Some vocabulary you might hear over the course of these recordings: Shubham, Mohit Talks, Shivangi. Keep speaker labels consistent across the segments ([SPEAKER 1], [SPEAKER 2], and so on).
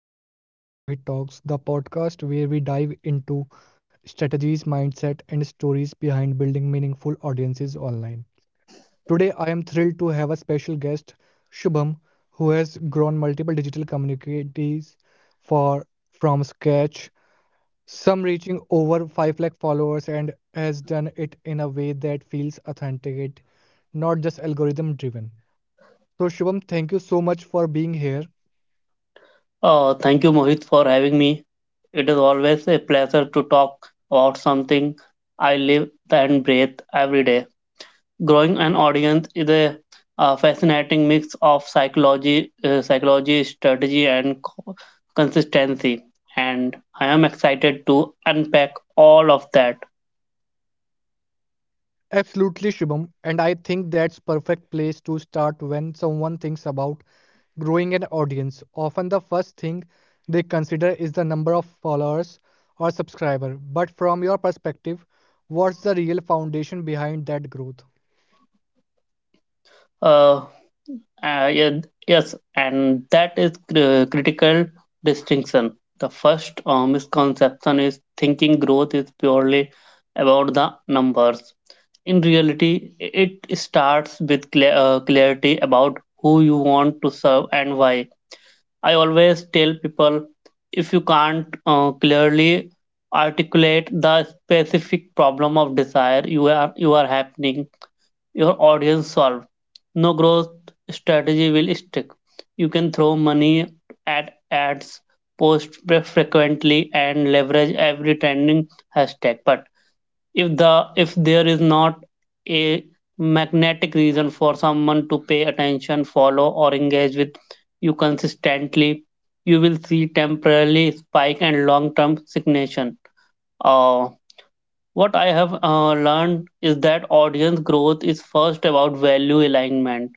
[SPEAKER 1] another episode Mohit Talks, the podcast where we dive into strategies, mindset, and stories behind building meaningful audiences online. Today, I am thrilled to have a special guest, Shubham, who has grown multiple digital communities for from scratch, some reaching over 5 lakh followers, and has done it in a way that feels authentic, not just algorithm driven. So, Shubham, thank you so much for being here.
[SPEAKER 2] Oh, thank you, Mohit, for having me. It is always a pleasure to talk about something I live and breathe every day. Growing an audience is a fascinating mix of psychology, strategy, and consistency. And I am excited to unpack all of that.
[SPEAKER 1] Absolutely, Shubham. And I think that's perfect place to start when someone thinks about growing an audience. Often the first thing they consider is the number of followers or subscriber. But from your perspective, what's the real foundation behind that growth?
[SPEAKER 2] Uh, Uh, yeah, yes, and that is cr- critical distinction. The first misconception is thinking growth is purely about the numbers. In reality, it starts with clarity about who you want to serve and why. I always tell people, if you can't clearly articulate the specific problem of desire you are happening your audience solve. No growth strategy will stick. You can throw money at ads, post frequently, and leverage every trending hashtag. But if there is not a magnetic reason for someone to pay attention, follow, or engage with you consistently, you will see temporarily spike and long-term stagnation. Uh, what I have learned is that audience growth is first about value alignment,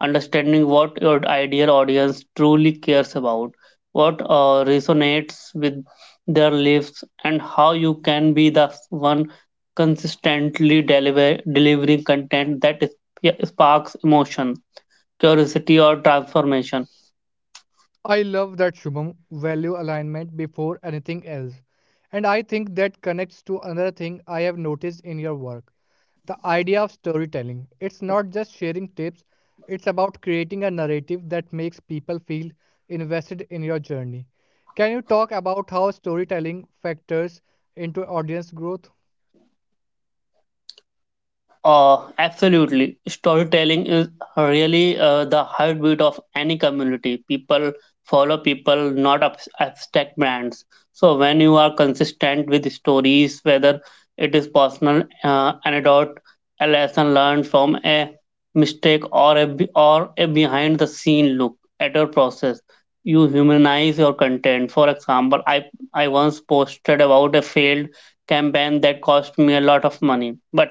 [SPEAKER 2] understanding what your ideal audience truly cares about, what resonates with their lives, and how you can be the one delivering content that sparks emotion, curiosity, or transformation.
[SPEAKER 1] I love that Shubham, value alignment before anything else. And I think that connects to another thing I have noticed in your work: the idea of storytelling. It's not just sharing tips, it's about creating a narrative that makes people feel invested in your journey. Can you talk about how storytelling factors into audience growth?
[SPEAKER 2] Absolutely. Storytelling is really the heartbeat of any community. People follow people, not abstract brands. So, when you are consistent with stories, whether it is personal anecdote, a lesson learned from a mistake, or a behind the scene look at your process, you humanize your content. For example, I once posted about a failed campaign that cost me a lot of money, but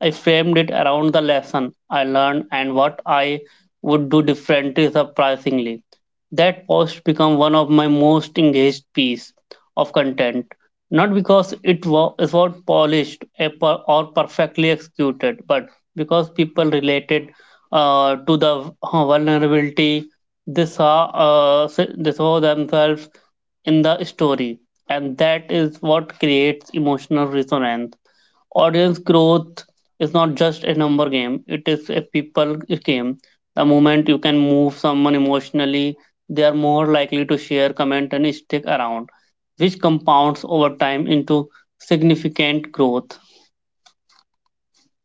[SPEAKER 2] I framed it around the lesson I learned and what I would do differently surprisingly. That post became one of my most engaged piece of content, not because it was polished or perfectly executed, but because people related to the vulnerability they saw themselves in the story, and that is what creates emotional resonance. Audience growth is not just a number game, it is a people game. The moment you can move someone emotionally, they are more likely to share, comment, and stick around, which compounds over time into significant growth.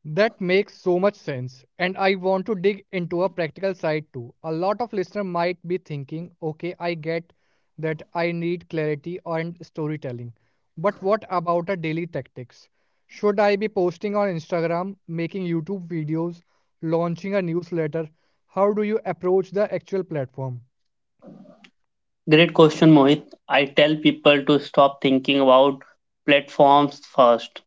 [SPEAKER 1] That makes so much sense. And I want to dig into a practical side too. A lot of listener might be thinking, okay, I get that I need clarity and storytelling. But what about a daily tactics? Should I be posting on Instagram, making YouTube videos, launching a newsletter? How do you approach the actual platform?
[SPEAKER 2] Great question, Mohit. I tell people to stop thinking about platforms first.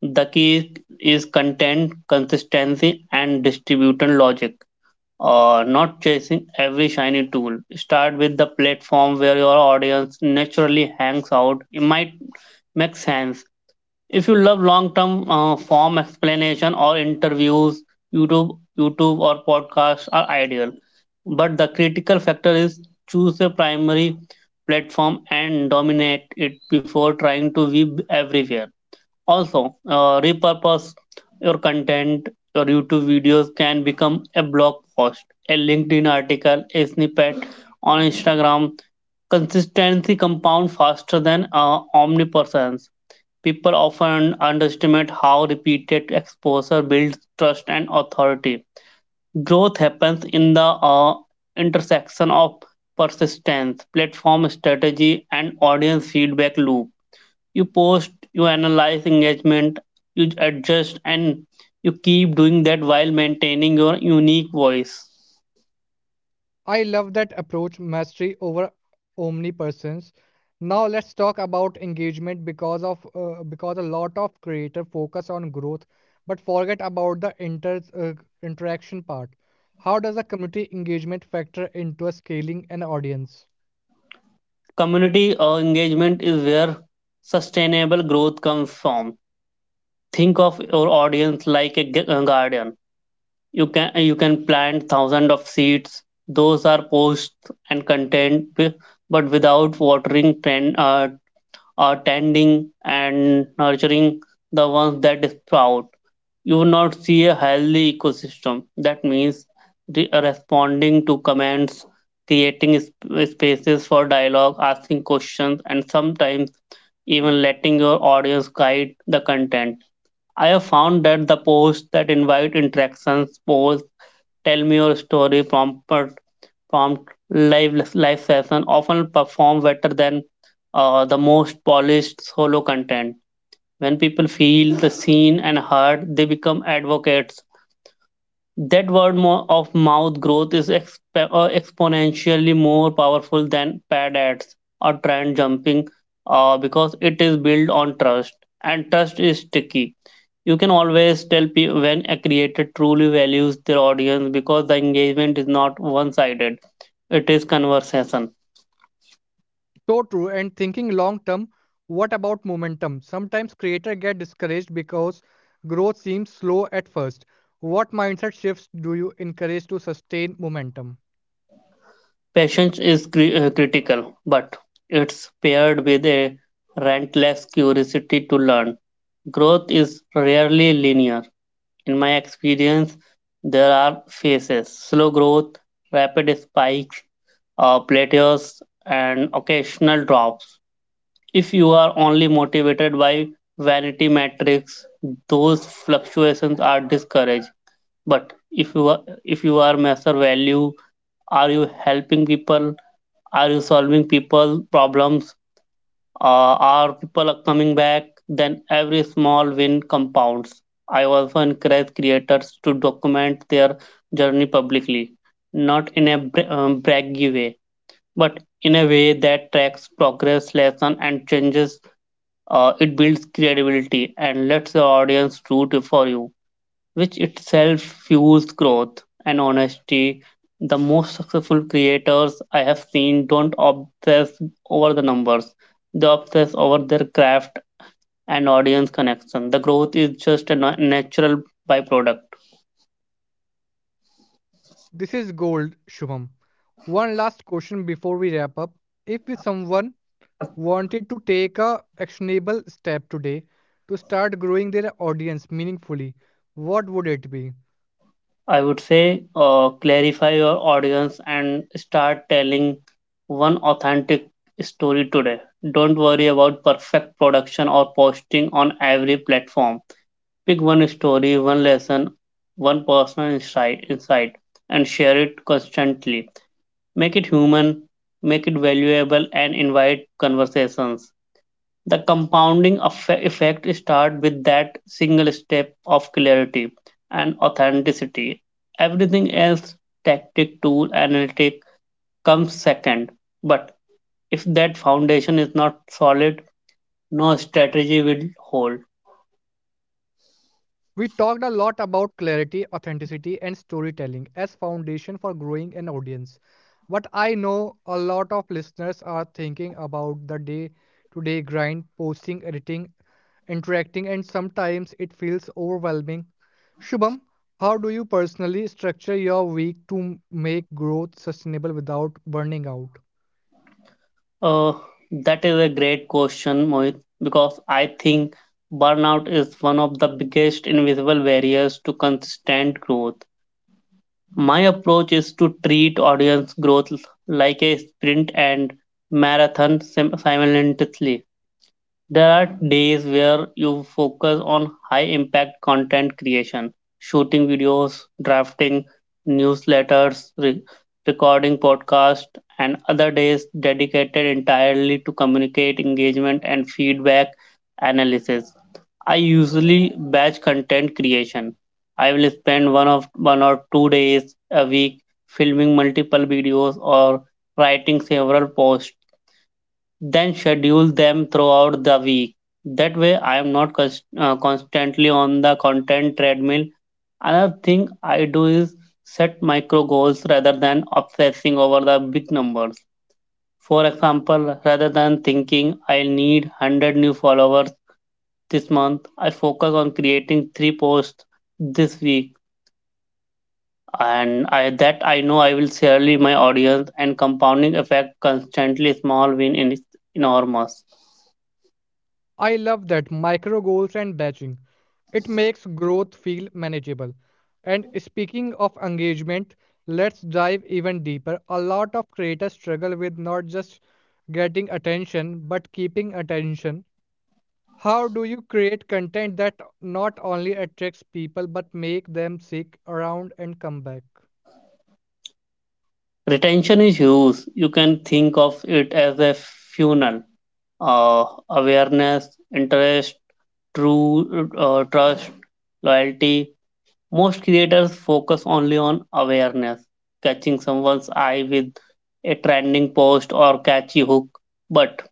[SPEAKER 2] The key is content, consistency, and distribution logic, not chasing every shiny tool. Start with the platform where your audience naturally hangs out. It might make sense. If you love long-term form explanation or interviews, YouTube or podcasts are ideal. But the critical factor is, choose a primary platform and dominate it before trying to be everywhere. Also, repurpose your content. Your YouTube videos can become a blog post, a LinkedIn article, a snippet on Instagram. Consistency compounds faster than omnipresence. People often underestimate how repeated exposure builds trust and authority. Growth happens in the intersection of persistence, platform strategy, and audience feedback loop. You post, you analyze engagement, you adjust, and you keep doing that while maintaining your unique voice.
[SPEAKER 1] I love that approach, mastery over omnipresence. Now let's talk about engagement because a lot of creators focus on growth but forget about the interaction part. How does a community engagement factor into a scaling an audience?
[SPEAKER 2] Community engagement is where sustainable growth comes from. Think of your audience like a garden. You can you can plant thousands of seeds, those are posts and content, but without watering tend or tending and nurturing the ones that sprout, you will not see a healthy ecosystem. That means responding to comments, creating spaces for dialogue, asking questions, and sometimes even letting your audience guide the content. I have found that the posts that invite interactions, polls, tell me your story, prompt live session often perform better than the most polished solo content. When people feel the seen and heard, they become advocates. That word of mouth growth is exponentially more powerful than paid ads or trend jumping, because it is built on trust, and trust is sticky. You can always tell when a creator truly values their audience because the engagement is not one sided, it is conversation.
[SPEAKER 1] So true. And thinking long term, what about momentum? Sometimes creators get discouraged because growth seems slow at first. What mindset shifts do you encourage to sustain momentum?
[SPEAKER 2] Patience is critical, but it's paired with a relentless curiosity to learn. Growth is rarely linear. In my experience, there are phases, slow growth, rapid spikes, plateaus, and occasional drops. If you are only motivated by vanity metrics, those fluctuations are discouraged. But if if you are measure value, are you helping people? Are you solving people's problems? Our people are coming back, then every small win compounds. I also encourage creators to document their journey publicly, not in a braggy way, but in a way that tracks progress, lesson, and changes. It builds credibility and lets the audience root for you, which itself fuels growth and honesty. The most successful creators I have seen don't obsess over the numbers, they obsess over their craft and audience connection. The growth is just a natural byproduct.
[SPEAKER 1] This is gold, Shubham. One last question before we wrap up. If someone wanted to take a actionable step today to start growing their audience meaningfully, what would it be?
[SPEAKER 2] I would say, clarify your audience and start telling one authentic story today. Don't worry about perfect production or posting on every platform. Pick one story, one lesson, one personal insight, and share it constantly. Make it human, make it valuable, and invite conversations. The compounding effect starts with that single step of clarity and authenticity. Everything else, tactic, tool, analytic, comes second. But if that foundation is not solid, no strategy will hold.
[SPEAKER 1] We talked a lot about clarity, authenticity, and storytelling as foundation for growing an audience. But I know a lot of listeners are thinking about the day-to-day grind, posting, editing, interacting, and sometimes it feels overwhelming. Shubham, how do you personally structure your week to make growth sustainable without burning out?
[SPEAKER 2] Uh, that is a great question, Mohit, because I think burnout is one of the biggest invisible barriers to consistent growth. My approach is to treat audience growth like a sprint and marathon simultaneously. There are days where you focus on high impact content creation, shooting videos, drafting newsletters, recording podcasts, and other days dedicated entirely to communicate, engagement, and feedback analysis. I usually batch content creation. I will spend 1 or 2 days a week filming multiple videos or writing several posts, then schedule them throughout the week. That way, I am not constantly on the content treadmill. Another thing I do is set micro goals rather than obsessing over the big numbers. For example, rather than thinking I need 100 new followers this month, I focus on creating 3 posts this week, and that I know I will surely my audience and compounding effect constantly small win in is enormous.
[SPEAKER 1] I love that, micro goals and batching. It makes growth feel manageable. And speaking of engagement, let's dive even deeper. A lot of creators struggle with not just getting attention but keeping attention. How do you create content that not only attracts people but make them seek around and come back?
[SPEAKER 2] Retention is huge. You can think of it as a funnel. Awareness, interest, true trust, loyalty. Most creators focus only on awareness, catching someone's eye with a trending post or catchy hook. But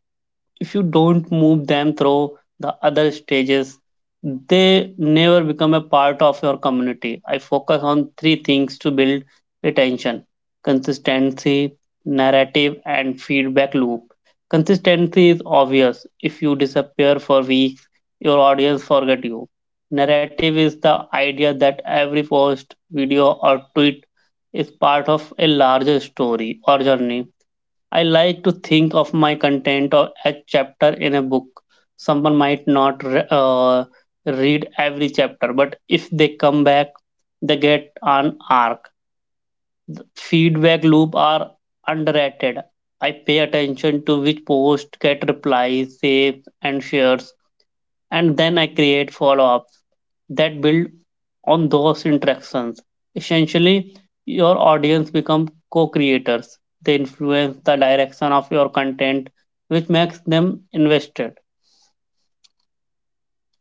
[SPEAKER 2] if you don't move them through the other stages, they never become a part of your community. I focus on three things to build retention, consistency, narrative, and feedback loop. Consistency is obvious. If you disappear for weeks, your audience forget you. Narrative is the idea that every post, video, or tweet is part of a larger story or journey. I like to think of my content or a chapter in a book. Someone might not read every chapter, but if they come back, they get an arc. Feedback loop are underrated. I pay attention to which post get replies, saves, and shares, and then I create follow ups that build on those interactions. Essentially, your audience become co creators, they influence the direction of your content, which makes them invested.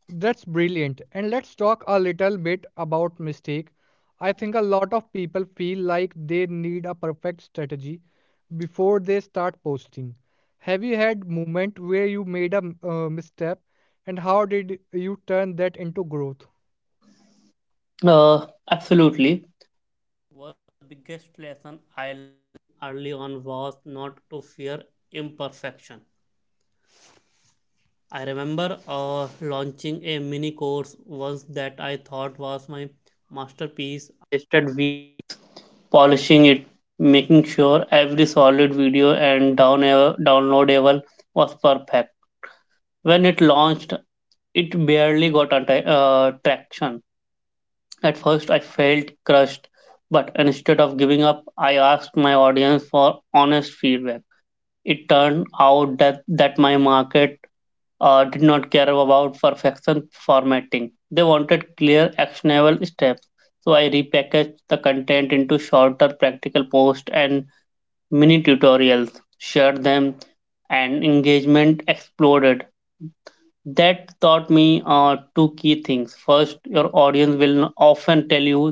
[SPEAKER 1] That's brilliant. And let's talk a little bit about mistake. I think a lot of people feel like they need a perfect strategy before they start posting. Have you had moment where you made a misstep and how did you turn that into growth?
[SPEAKER 2] Absolutely. For every solid video and downloadable was perfect. When it launched, it barely got traction. At first, I felt crushed, but instead of giving up, I asked my audience for honest feedback. Turned out that my market did not care about perfection formatting. They wanted clear, actionable steps. So I repackaged the content into shorter practical posts and mini tutorials, shared them, and engagement exploded. That taught me two key things. First, your audience often tell you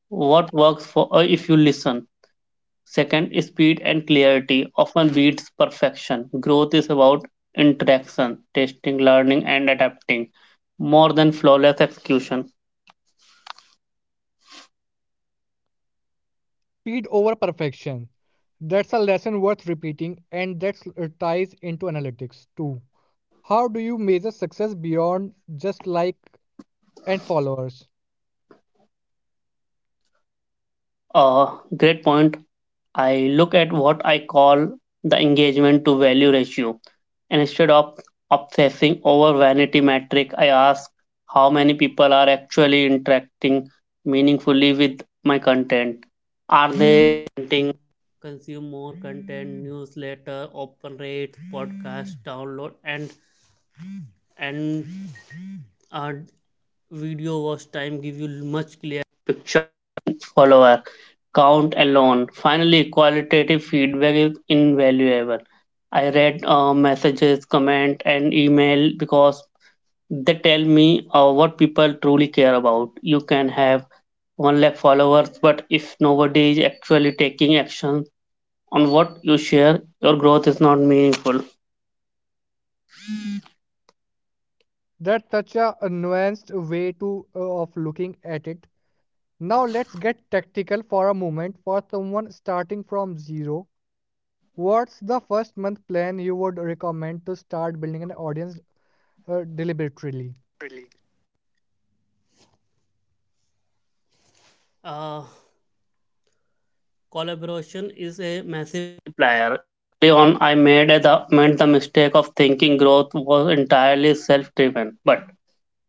[SPEAKER 2] what works for if you listen. Second, speed and clarity often beats perfection. Growth is about interaction, testing, learning, and adapting more than flawless execution.
[SPEAKER 1] Speed over perfection. That's a lesson worth repeating, and that ties into analytics too. How do you measure success beyond just like and followers?
[SPEAKER 2] Uh, Great point. I look at what I call the engagement to value ratio. And instead of obsessing over vanity metric, I ask how many people are actually interacting meaningfully with my content. Are. Absolutely, qualitative feedback is invaluable. I read messages, comment, and email because they tell me what people truly care about. You can have 1 lakh followers, but if nobody is actually taking action on what you share, your growth is not meaningful.
[SPEAKER 1] That's such a nuanced way to of looking at it. Now let's get tactical for a moment. For someone starting from zero, what's the first month plan you would recommend to start building an audience deliberately?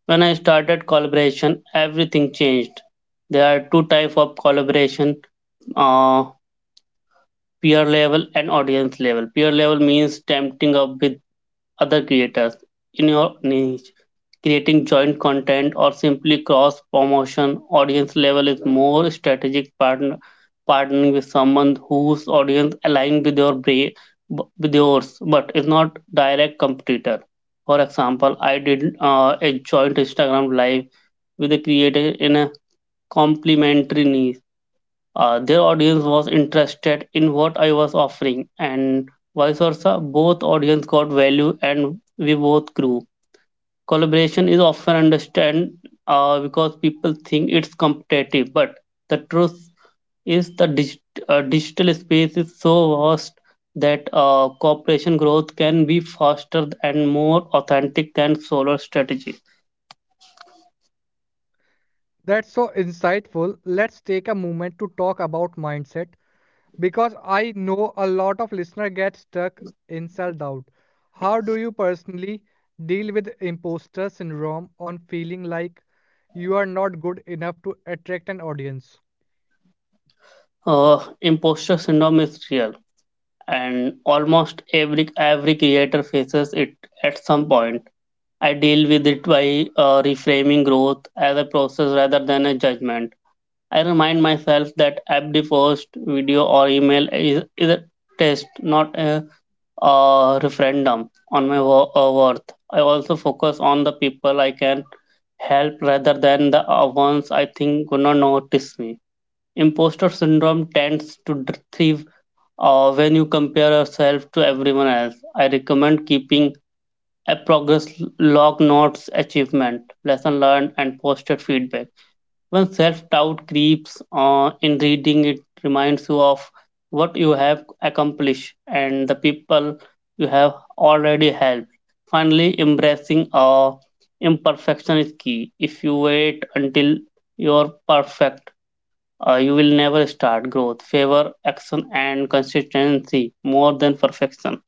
[SPEAKER 2] When I started collaboration, everything changed. There are two type of collaboration, uh, peer level and audience level. Peer level means tempting up with other creators in your niche. Creating joint content or simply cross promotion audience level is more strategic partner, partnering with someone whose audience aligned with your with yours but is not direct competitor. For example, I did a joint Instagram live with a creator in a complementary niche, their audience was interested in what I was offering, and vice versa. Both audience got value, and we both grew. Collaboration is often understand because people think it's competitive, but the truth is the digital space is so vast that cooperation growth can be faster and more authentic than solo strategy.
[SPEAKER 1] That's so insightful. Let's take a moment to talk about mindset. Because I know a lot of listener get stuck in self-doubt. How do you personally deal with imposter syndrome on feeling like you are not good enough to attract an audience?
[SPEAKER 2] Imposter syndrome is real, and almost every creator faces it at some point. I deal with it by reframing growth as a process rather than a judgment. I remind myself that every post, video, or email is a test, not a referendum on my worth. I also focus on the people I can help rather than the ones I think would not notice me. Imposter syndrome tends to thrive when you compare yourself to everyone else. I recommend keeping a progress log, notes, achievement, lesson learned, and posted feedback. When self doubt creeps in, reading it reminds you of what you have accomplished and the people you have already helped. Finally, embracing imperfection is key. If you wait until you're perfect, you will never start growth. Favor action and consistency more than perfection.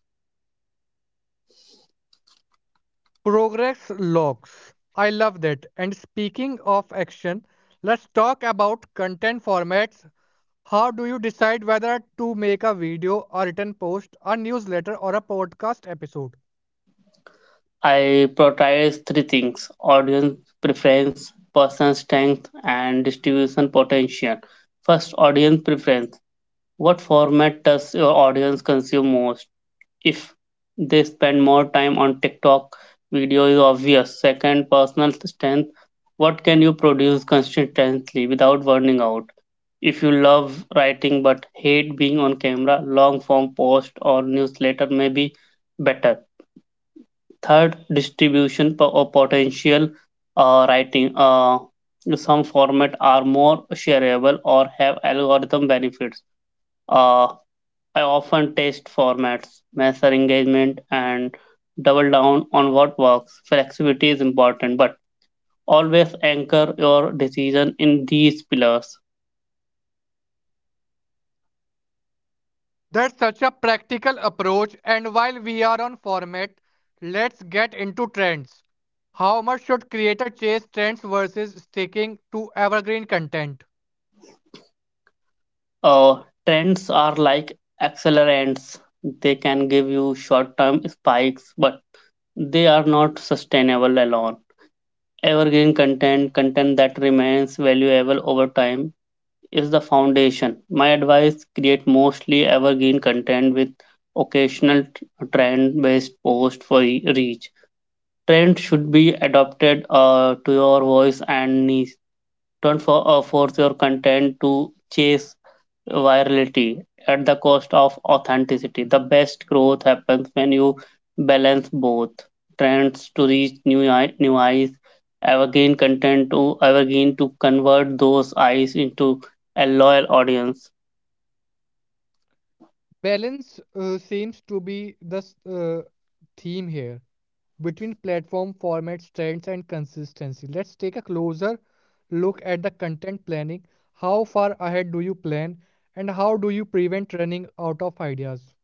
[SPEAKER 1] Progress logs. I love that. And speaking of action, let's talk about content formats. How do you decide whether to make a video, a written post, a newsletter, or a podcast episode?
[SPEAKER 2] I prioritize three things: audience preference, person strength, and distribution potential. First, audience preference. What format does your audience consume most? If they spend more time on TikTok, video is obvious. Second, personal strength. What can you produce consistently without burning out? If you love writing but hate being on camera, long form post or newsletter may be better. Third, distribution po- or potential. Writing. Some format are more shareable or have algorithm benefits. Uh, I often test formats, measure engagement, and double down on what works. Flexibility is important, but always anchor your decision in these pillars.
[SPEAKER 1] That's such a practical approach, and while we are on format, let's get into trends. How much should creator chase trends versus sticking to evergreen content?
[SPEAKER 2] Uh, Trends are like accelerants. They can give you short term spikes, but they are not sustainable alone. Evergreen content, content that remains valuable over time, is the foundation. My advice: create mostly evergreen content with occasional trend based post for reach. Trends should be adapted to your voice and niche. Don't force your content to chase virality at the cost of authenticity. The best growth happens when you balance both: trends to reach new eyes, evergreen content to evergreen to convert those eyes into a loyal audience.
[SPEAKER 1] Balance seems to be the theme here between platform formats, trends, and consistency. Let's take a closer look at the content planning. How far ahead do you plan, and how do you prevent running out of ideas?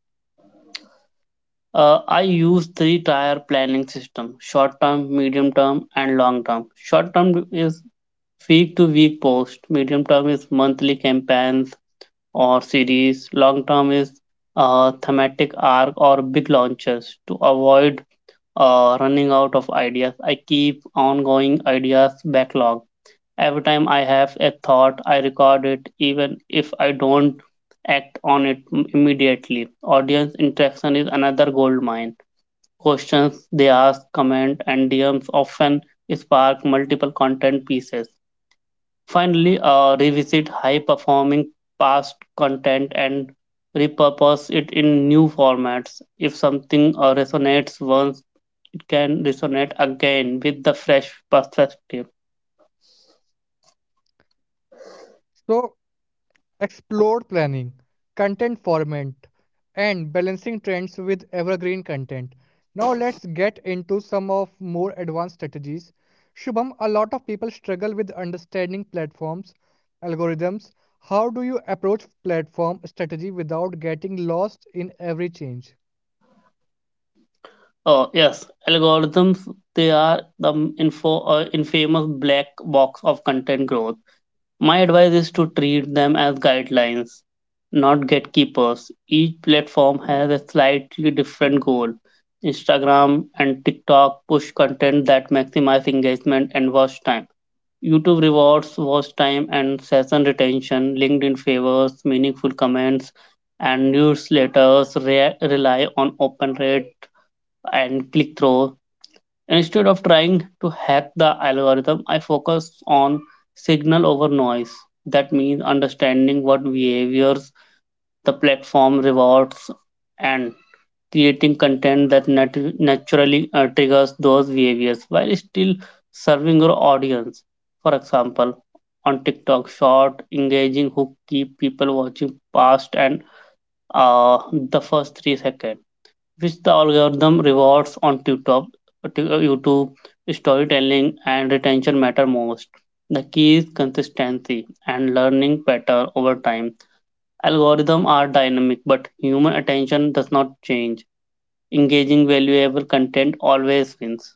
[SPEAKER 2] I use 3 tier planning system: short term, medium term, and long term. Short term is week to week post. Medium term is monthly campaigns or series. Long term is a thematic arc or big launches. To avoid running out of ideas, I keep ongoing ideas backlog. Every time I have a thought, I record it, even if I don't act on it immediately. Audience interaction is another gold mine. Questions they ask, comment, and DMs often spark multiple content pieces. Finally, revisit high performing past content and repurpose it in new formats. If something resonates once, it can resonate again with the fresh perspective.
[SPEAKER 1] So, explore planning, content format, and balancing trends with evergreen content. Now let's get into some of more advanced strategies. Shubham, a lot of people struggle with understanding platforms, algorithms. How do you approach platform strategy without getting lost in every change?
[SPEAKER 2] Oh, yes, algorithms, they are the infamous black box of content growth. My advice is to treat them as guidelines, not gatekeepers. Each platform has a slightly different goal. Instagram and TikTok push content that maximize engagement and watch time. YouTube rewards watch time and session retention. LinkedIn favors meaningful comments, and newsletters rely on open rate and click through. Instead of trying to hack the algorithm, I focus on signal over noise. That means understanding what behaviors the platform rewards and creating content that naturally triggers those behaviors while still serving your audience. For example, on TikTok, short, engaging hook keep people watching past and the first 3 seconds, which the algorithm rewards. On TikTok, YouTube, storytelling, and retention matter most. The key is consistency and learning pattern over time. Algorithms are dynamic, but human attention does not change. Engaging valuable content always wins.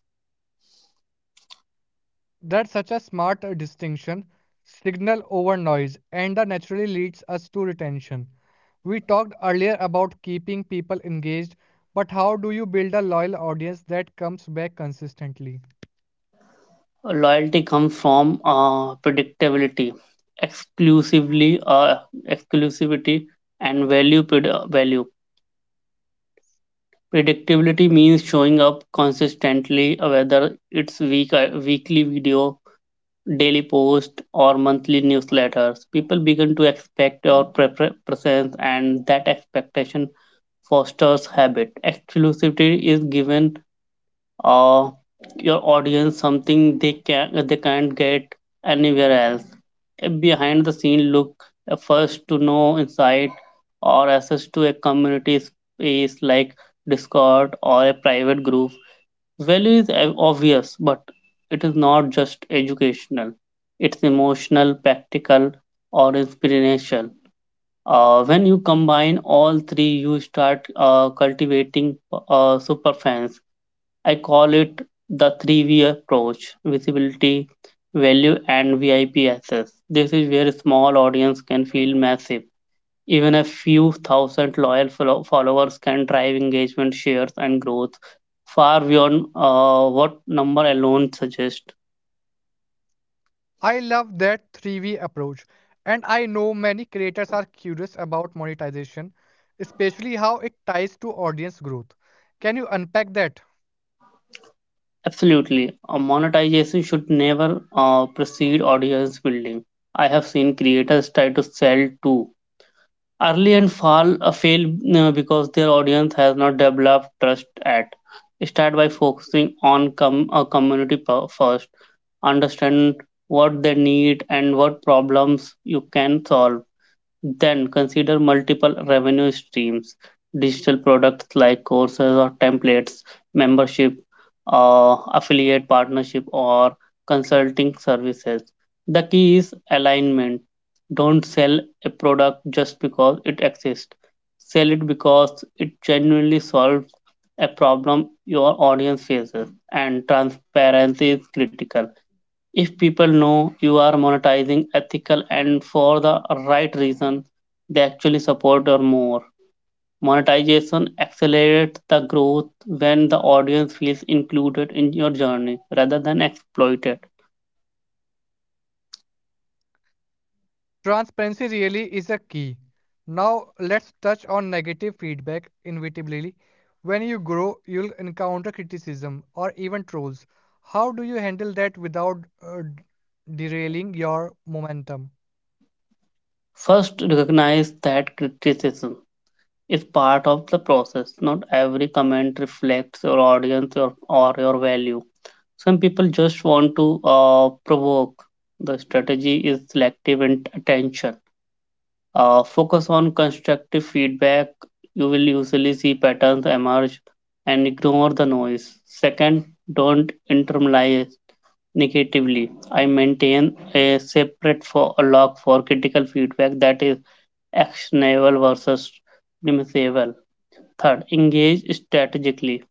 [SPEAKER 1] That's such a smart distinction, signal over noise, and that naturally leads us to retention. We talked earlier about keeping people engaged, but how do you build a loyal audience that comes back consistently?
[SPEAKER 2] Loyalty comes from predictability, exclusively exclusivity, and value. Predictability means showing up consistently, whether it's weekly video, daily post, or monthly newsletters. People begin to expect your presence, and that expectation fosters habit. Exclusivity is given uh, your audience something they can't get anywhere else. A behind the scene look, a first to know insight, or access to a community space like Discord or a private group. Value is obvious, but it is not just educational. It's emotional, practical, or inspirational. When you combine all three, you start cultivating superfans. I call it the 3V approach: visibility, value, and VIP access. This is where a small audience can feel massive. Even a few thousand loyal followers can drive engagement, shares, and growth far beyond what number alone suggests.
[SPEAKER 1] I love that 3V approach, and I know many creators are curious about monetization, especially how it ties to audience growth. Can you unpack that?
[SPEAKER 2] Absolutely. Monetization should never precede audience building. I have seen creators try to sell too early and fall fail because their audience has not developed trust. At start, by focusing on a community first, understand what they need and what problems you can solve, then consider multiple revenue streams: digital products like courses or templates, membership, affiliate partnership, or consulting services. The key is alignment. Don't sell a product just because it exists. Sell it because it genuinely solves a problem your audience faces, and transparency is critical. If people know you are monetizing ethical and for the right reason, they actually support or more. Monetization accelerates the growth when the audience feels included in your journey rather than exploited.
[SPEAKER 1] Transparency really is a key. Now, let's touch on negative feedback inevitably. When you grow, you'll encounter criticism or even trolls. How do you handle that without derailing your momentum?
[SPEAKER 2] First, recognize that criticism is part of the process. Not every comment reflects your audience or your value. Some people just want to provoke. The strategy is selective and attention. Focus on constructive feedback. You will usually see patterns emerge and ignore the noise. Second, don't internalize negatively. I maintain a separate for a log for critical feedback that is actionable versus dismissible. Third, engage strategically.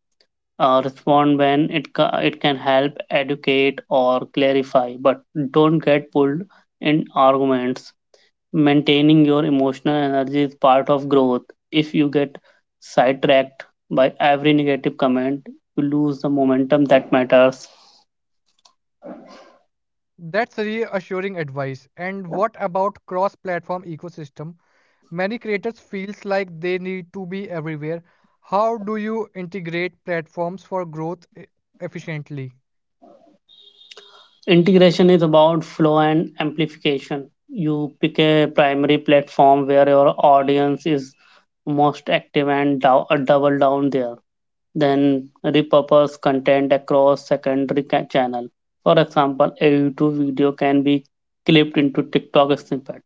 [SPEAKER 2] Respond when it can help educate or clarify, but don't get pulled in arguments. Maintaining your emotional energy is part of growth. If you get sidetracked by every negative comment, you lose the momentum that matters.
[SPEAKER 1] That's reassuring advice. And what about cross-platform ecosystem? Many creators feels like they need to be everywhere. How do you integrate platforms for growth e- efficiently?
[SPEAKER 2] Integration is about flow and amplification. You pick a primary platform where your audience is most active and double down there, then repurpose content across secondary channel. For example, a YouTube video can be clipped into TikTok snippet,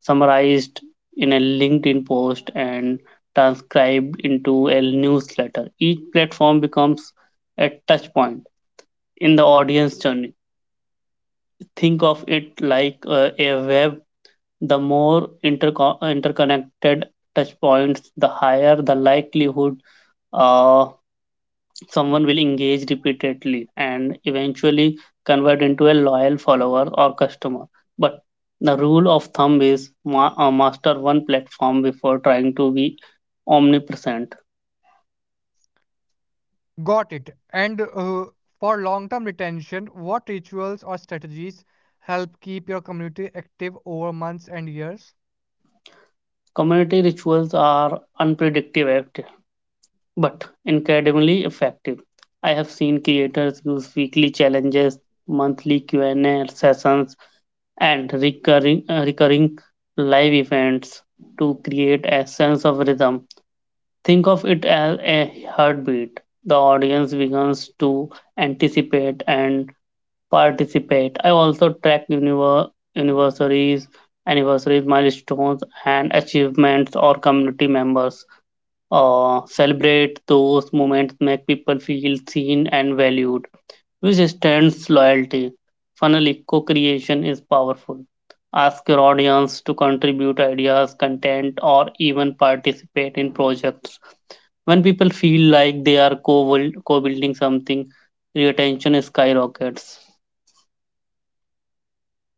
[SPEAKER 2] summarized in a LinkedIn post, and transcribed into a newsletter. Each platform becomes a touch point in the audience journey. Think of it like a web. The more interconnected touch points, the higher the likelihood uh, someone will engage repeatedly and eventually convert into a loyal follower or customer. But the rule of thumb is master one platform before trying to be omnipresent.
[SPEAKER 1] Got it. And for long-term retention, what rituals or strategies help keep your community active over months and years?
[SPEAKER 2] Community rituals are unpredictable but incredibly effective. I have seen creators use weekly challenges, monthly Q&A sessions, and recurring live events to create a sense of rhythm. Think of it as a heartbeat. The audience begins to anticipate and participate. I also track anniversaries, anniversaries, milestones, and achievements or community members. Celebrate those moments, make people feel seen and valued, which extends loyalty. Finally, co-creation is powerful. Ask your audience to contribute ideas, content, or even participate in projects. When people feel like they are co building something, retention skyrockets.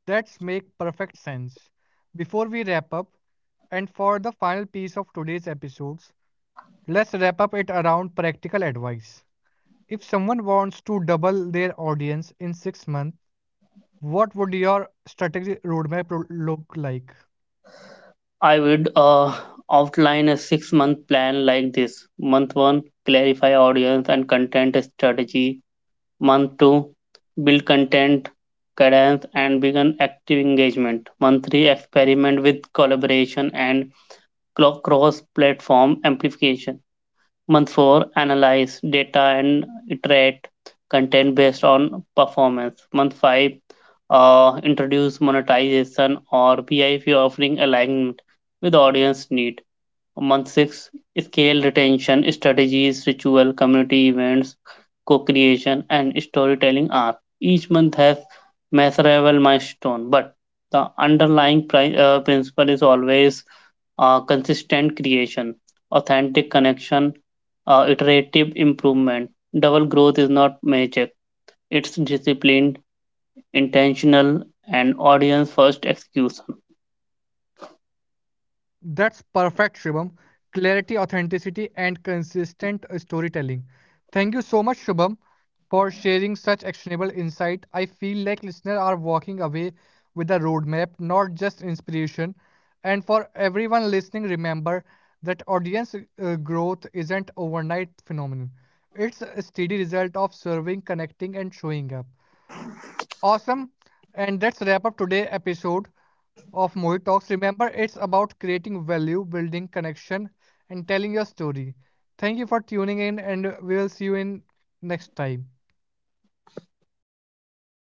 [SPEAKER 1] That's make perfect sense. Before we wrap up, and for the final piece of today's episodes, let's wrap up it around practical advice. If someone wants to double their audience in 6 months, what would your strategy roadmap look like?
[SPEAKER 2] I would outline a 6 month plan like this: month 1, clarify audience and content strategy; month 2, build content cadence and begin active engagement; month 3, experiment with collaboration and cross platform amplification; Month 4, analyze data and iterate content based on performance; Month 5, introduce monetization or VIP offering alignment with audience need; Month 6, scale retention strategies, ritual, community events, co-creation, and storytelling are. Each month has measurable milestone, but the underlying principle is always consistent creation, authentic connection, iterative improvement. Double growth is not magic; it's disciplined, intentional, and audience-first execution.
[SPEAKER 1] That's perfect, Shubham. Clarity, authenticity, and consistent storytelling. Thank you so much, Shubham, for sharing such actionable insight. I feel like listeners are walking away with a roadmap, not just inspiration. And for everyone listening, remember that audience growth isn't overnight phenomenon. It's a steady result of serving, connecting, and showing up. Awesome. And that's wrap up today episode of Mohit Talks. Remember, it's about creating value, building connection, and telling your story. Thank you for tuning in, and we'll see you in next time.